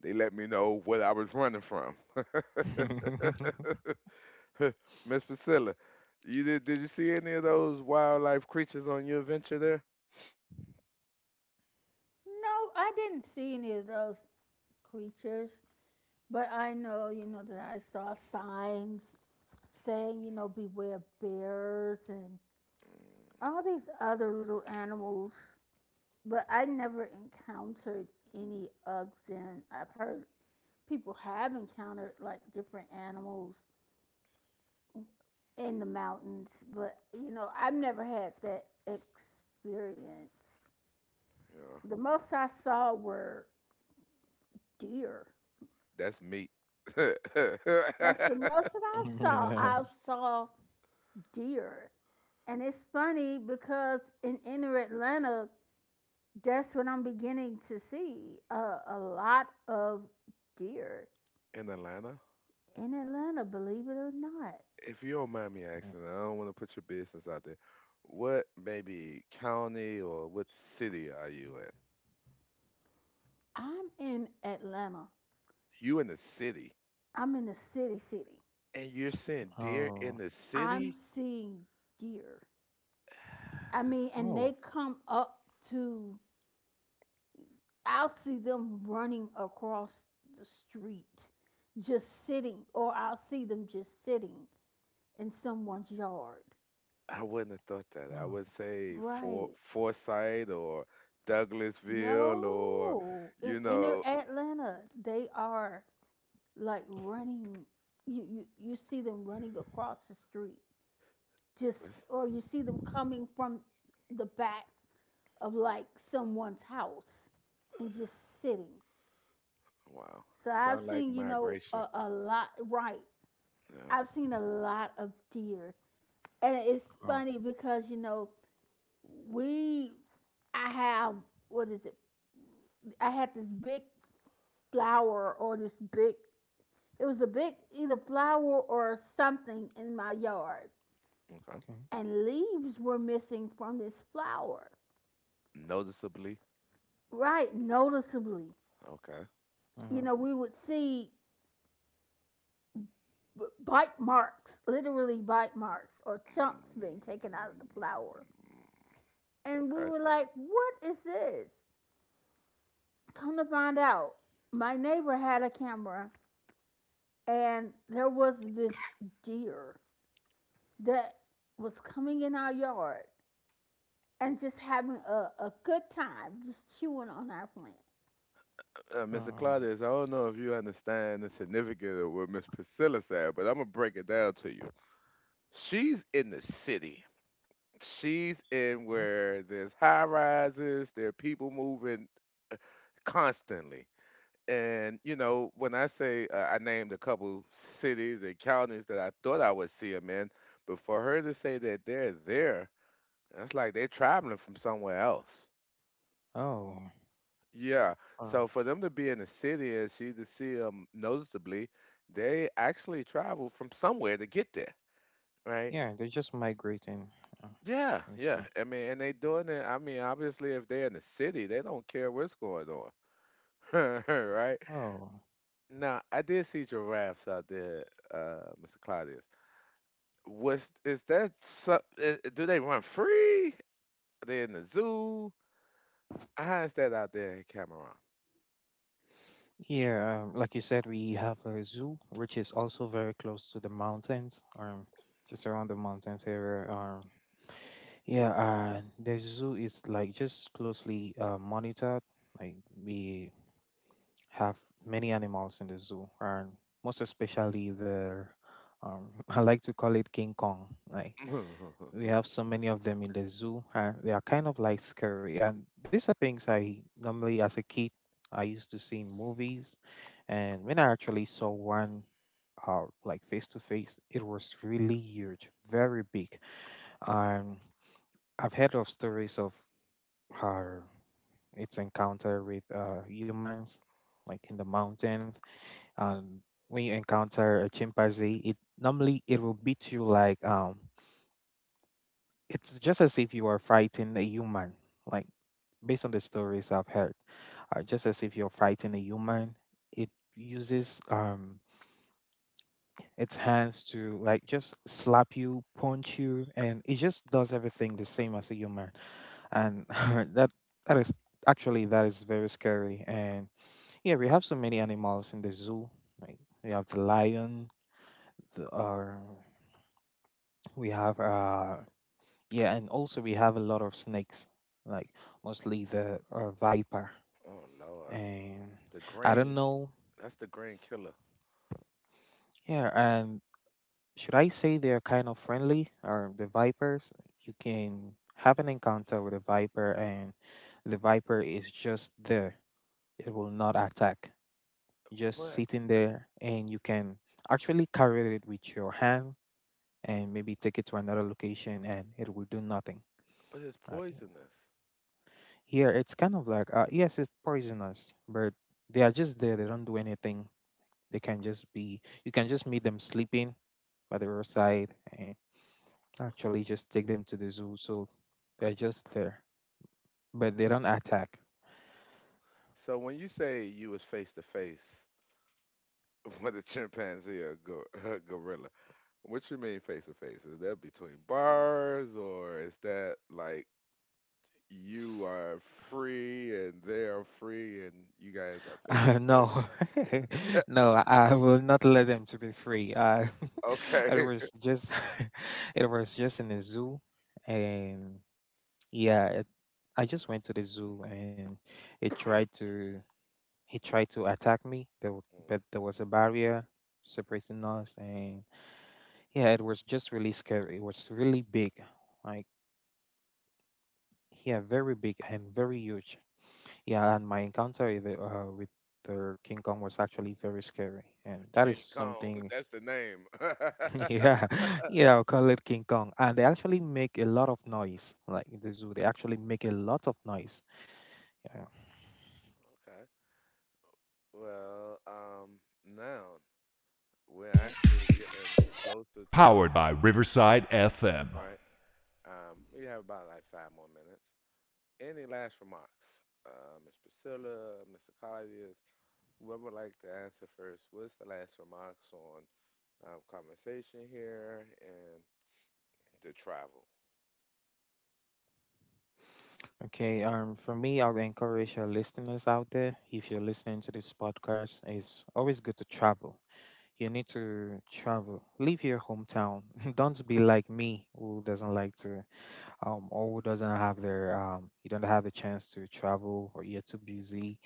A: they let me know what I was running from. Miss Priscilla, you did? Did you see any of those wildlife creatures on your adventure there?
B: No, I didn't see any of those creatures, but I know, you know, that I saw signs saying, you know, beware bears and all these other little animals. But I never encountered any other than I've heard people have encountered like different animals in the mountains, but you know, I've never had that experience.
A: Yeah,
B: The most I saw were deer.
A: that's meat. In
B: That's the most that I saw.
C: Yeah.
B: I saw deer. And it's funny because in inner Atlanta, that's what I'm beginning to see a lot of deer
A: Atlanta,
B: in Atlanta, believe it or not.
A: if you don't mind me asking, I don't want to put your business out there. What maybe county or what city are you in?
B: I'm in Atlanta.
A: You in the city,
B: I'm in the city, city.
A: and you're saying deer in
C: Oh.
A: the
B: I'm
A: city?
B: seeing deer. I mean, and they
C: Oh.
B: come up to, I'll see them running across the street, just sitting, or I'll see them just sitting in someone's yard.
A: I wouldn't have thought that. I
C: Oh.
A: would say for
B: Right.
A: Forsyth or Douglasville or
B: No. In
A: you
B: inner
A: know,
B: Atlanta, they are like running. You see them running across the street, just
A: it's-
B: or you see them coming from the back of like someone's house and just sitting.
A: wow,
B: So I've
A: sound like
B: seen, you know,
A: migration.
B: a lot, right?
A: Yeah.
B: I've seen a lot of deer. And it's
C: Oh.
B: funny because, you know, we, I have, what is it? I had this big flower or this big, it was a big, either flower or something in my yard.
A: Okay.
C: Okay.
B: And leaves were missing from this flower,
A: Noticeably.
B: right? Noticeably.
A: Okay.
C: Uh,
B: You know, we would see bite marks, literally bite marks or
A: Mm,
B: chunks being taken
A: mm,
B: out of the flower,
A: mm,
B: and we
A: Okay.
B: were like, what is this? Come to find out, my neighbor had a camera and there was this deer that was coming in our yard and just having a good time, just chewing on our plant.
A: Mr.
C: oh.
A: Claudius, I don't know if you understand the significance of what Miss Priscilla said, but I'm gonna break it down to you. She's in the city. She's
C: Uh
A: in
C: uh-huh.
A: where there's high rises, there are people moving constantly. And you know, when I say I named a couple cities and counties that I thought I would see them in, but for her to say that they're there, that's like they're traveling from somewhere else.
C: Oh.
A: Yeah.
C: Uh,
A: So for them to be in the city and she to see them noticeably, they actually travel from somewhere to get there, right?
C: yeah. They're just migrating.
A: Yeah,
C: I think
A: yeah.
C: so.
A: I mean, and they doing it. I mean, obviously, if they're in the city, they don't care what's going on, right?
C: Oh.
A: Now, I did see giraffes out there, Mr. Claudius. Was is that so, do they run free? Are they in the zoo? How is that out there in Cameroon?
C: Yeah. Like you said, we have a zoo, which is also very close to the mountains. Just around the mountains area. Yeah, the zoo is like just closely monitored. Like we have many animals in the zoo, and most especially the, I like to call it King Kong. Like we have so many of them in the zoo, and they are kind of like scary. And these are things I normally, as a kid, I used to see in movies, and when I actually saw one. Like face to face, it was really huge, very big. Um, I've heard of stories of her its encounter with humans, like in the mountains. And when you encounter a chimpanzee, it normally it will beat you like it's just as if you are fighting a human. Like based on the stories I've heard, just as if you're fighting a human, it uses its hands to like just slap you, punch you, and it just does everything the same as a human. And that that is actually that is very scary. And yeah, we have so many animals in the zoo, like we have the lion, the, we have yeah, and also we have a lot of snakes, like mostly the viper,
A: Oh Lord,
C: and
A: the
C: I don't
A: green.
C: know.
A: That's the green killer.
C: Yeah, and should I say they're kind of friendly, or the vipers you can have an encounter with a viper, and the viper is just there, it will not attack, just
A: But
C: sitting there, and you can actually carry it with your hand and maybe take it to another location, and it will do nothing.
A: but it's
C: Like
A: poisonous.
C: here it's kind of like yes it's poisonous, but they are just there, they don't do anything. They can just be you can just meet them sleeping by the roadside and actually just take them to the zoo, so they're just there, but they don't attack.
A: So when you say you was face to face with a chimpanzee or a gorilla, what you mean face to face? Is that between bars or is that like you are free and they are free and you guys are face to
C: No,
A: face?
C: no, I will not let them to be free. It
A: Okay.
C: was just, it was just in a zoo, and yeah, it, I just went to the zoo, and it tried to, he tried to attack me. There, w-
A: Mm.
C: but there was a barrier separating us, and yeah, it was just really scary. It was really big, like yeah, very big and very huge. Yeah, and my encounter with the King Kong was actually very scary, and that is
A: King Kong,
C: something.
A: that's the name.
C: Yeah, yeah, I'll call it King Kong, and they actually make a lot of noise. Like in the zoo, they actually make a lot of noise. Yeah.
A: Okay. Well, now we're actually getting closer to the right. We have about like five more minutes. Any last remarks? Ms. Priscilla, Mr. Colliers, whoever would like to answer first, what's the last remarks on conversation here and the travel?
C: Okay. For me, I'll encourage your listeners out there. If you're listening to this podcast, it's always good to travel. You need to travel. Leave your hometown. Don't be like me, who doesn't like to or who doesn't have their you don't have the chance to travel or you're too busy.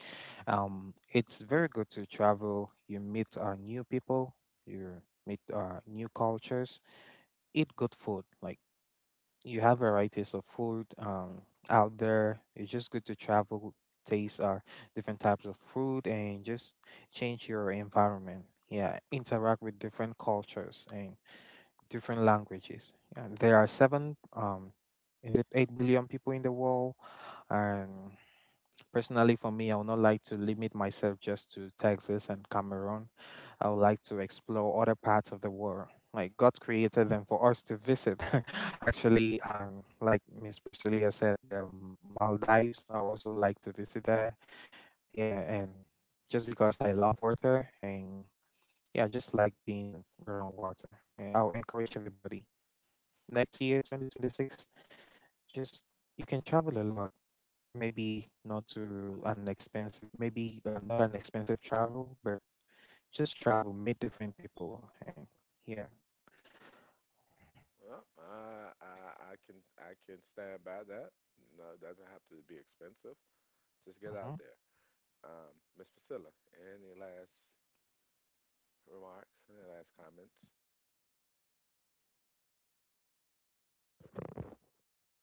C: It's very good to travel. You meet new people. You meet new cultures. Eat good food. Like you have varieties of food out there. It's just good to travel, taste different types of food, and just change your environment. Yeah, interact with different cultures and different languages. Yeah, there are seven, is it 8 billion people in the world? And personally, for me, I would not like to limit myself just to Texas and Cameroon. I would like to explore other parts of the world. Like God created them for us to visit. Actually, like Miss Priscilla said, the Maldives. I also like to visit that. Yeah, and just because I love water, and yeah, I just like being around water. Yeah, I'll encourage everybody next year 2026 just you can travel a lot, maybe not to an expensive, maybe not an expensive travel, but just travel, meet different people, and yeah.
A: Well, I can stand by that. No, it doesn't have to be expensive. Just get out
C: Mm-hmm.
A: there. Ms. Priscilla, any last remarks, any last comments?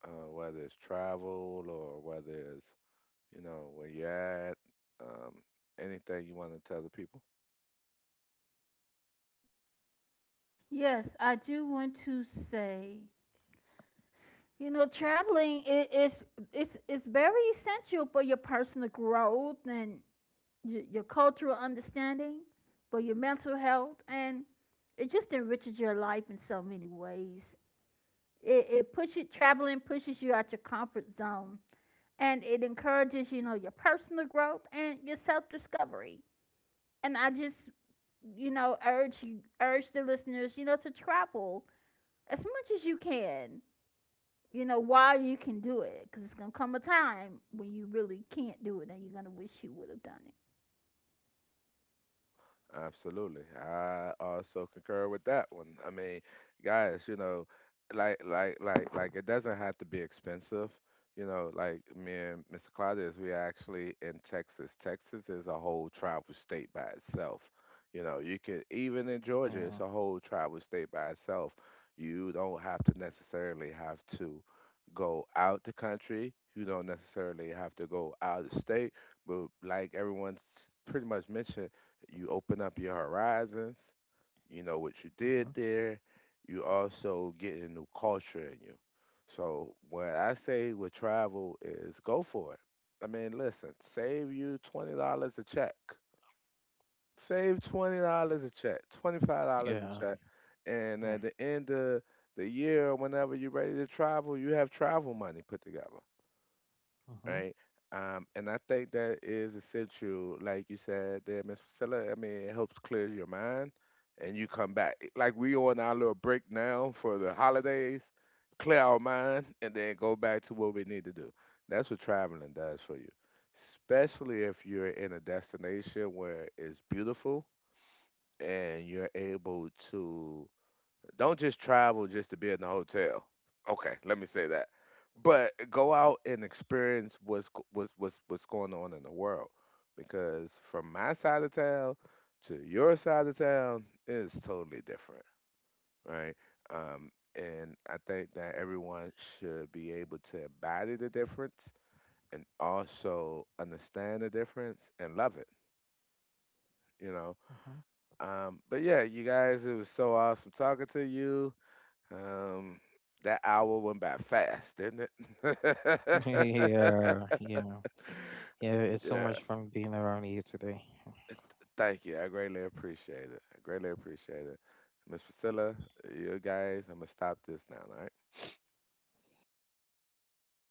A: Whether it's travel or whether it's, you know, where you're at, um, anything you want to tell the people?
B: Yes, I do want to say, you know, traveling is it's very essential for your personal growth and your cultural understanding, but your mental health, and it just enriches your life in so many ways. It pushes traveling pushes you out your comfort zone, and it encourages you know your personal growth and your self discovery. And I just you know urge the listeners you know to travel as much as you can. You know while you can do it, because it's gonna come a time when you really can't do it, and you're gonna wish you would have done it.
A: Absolutely. I also concur with that one. I mean, guys, you know, like it doesn't have to be expensive. You know, like me and Mr. Claudius, we actually in Texas. Texas is a whole tribal state by itself. You know, you could even in Georgia,
C: Yeah.
A: it's a whole tribal state by itself. You don't have to necessarily have to go out the country. You don't necessarily have to go out of state, but like everyone's pretty much mentioned you open up your horizons. You know what you
C: Mm-hmm.
A: did there. You also get a new culture in you. So what I say with travel is go for it. I mean, listen, save you $20 a check. Save $20 a check, $25 a
C: Yeah.
A: check, and
C: Yeah.
A: at the end of the year, whenever you're ready to travel, you have travel money put together
C: Mm-hmm.
A: right? And I think that is essential, like you said there, Miss Priscilla. I mean, it helps clear your mind, and you come back. Like we on our little break now for the holidays, clear our mind, and then go back to what we need to do. That's what traveling does for you, especially if you're in a destination where it's beautiful and you're able to don't just travel just to be in the hotel. Okay, let me say that. But go out and experience what's going on in the world, because from my side of town to your side of town is totally different, right? And I think that everyone should be able to embody the difference and also understand the difference and love it, you know.
C: Mm-hmm.
A: But yeah, you guys, it was so awesome talking to you. Um, that hour went by fast, didn't it?
C: Yeah, yeah, yeah, it's so
A: Yeah,
C: much fun being around you today.
A: thank you. I greatly appreciate it. I greatly appreciate it. Miss Priscilla, you guys, I'm gonna stop this now, all right?
B: Right.
C: Yeah.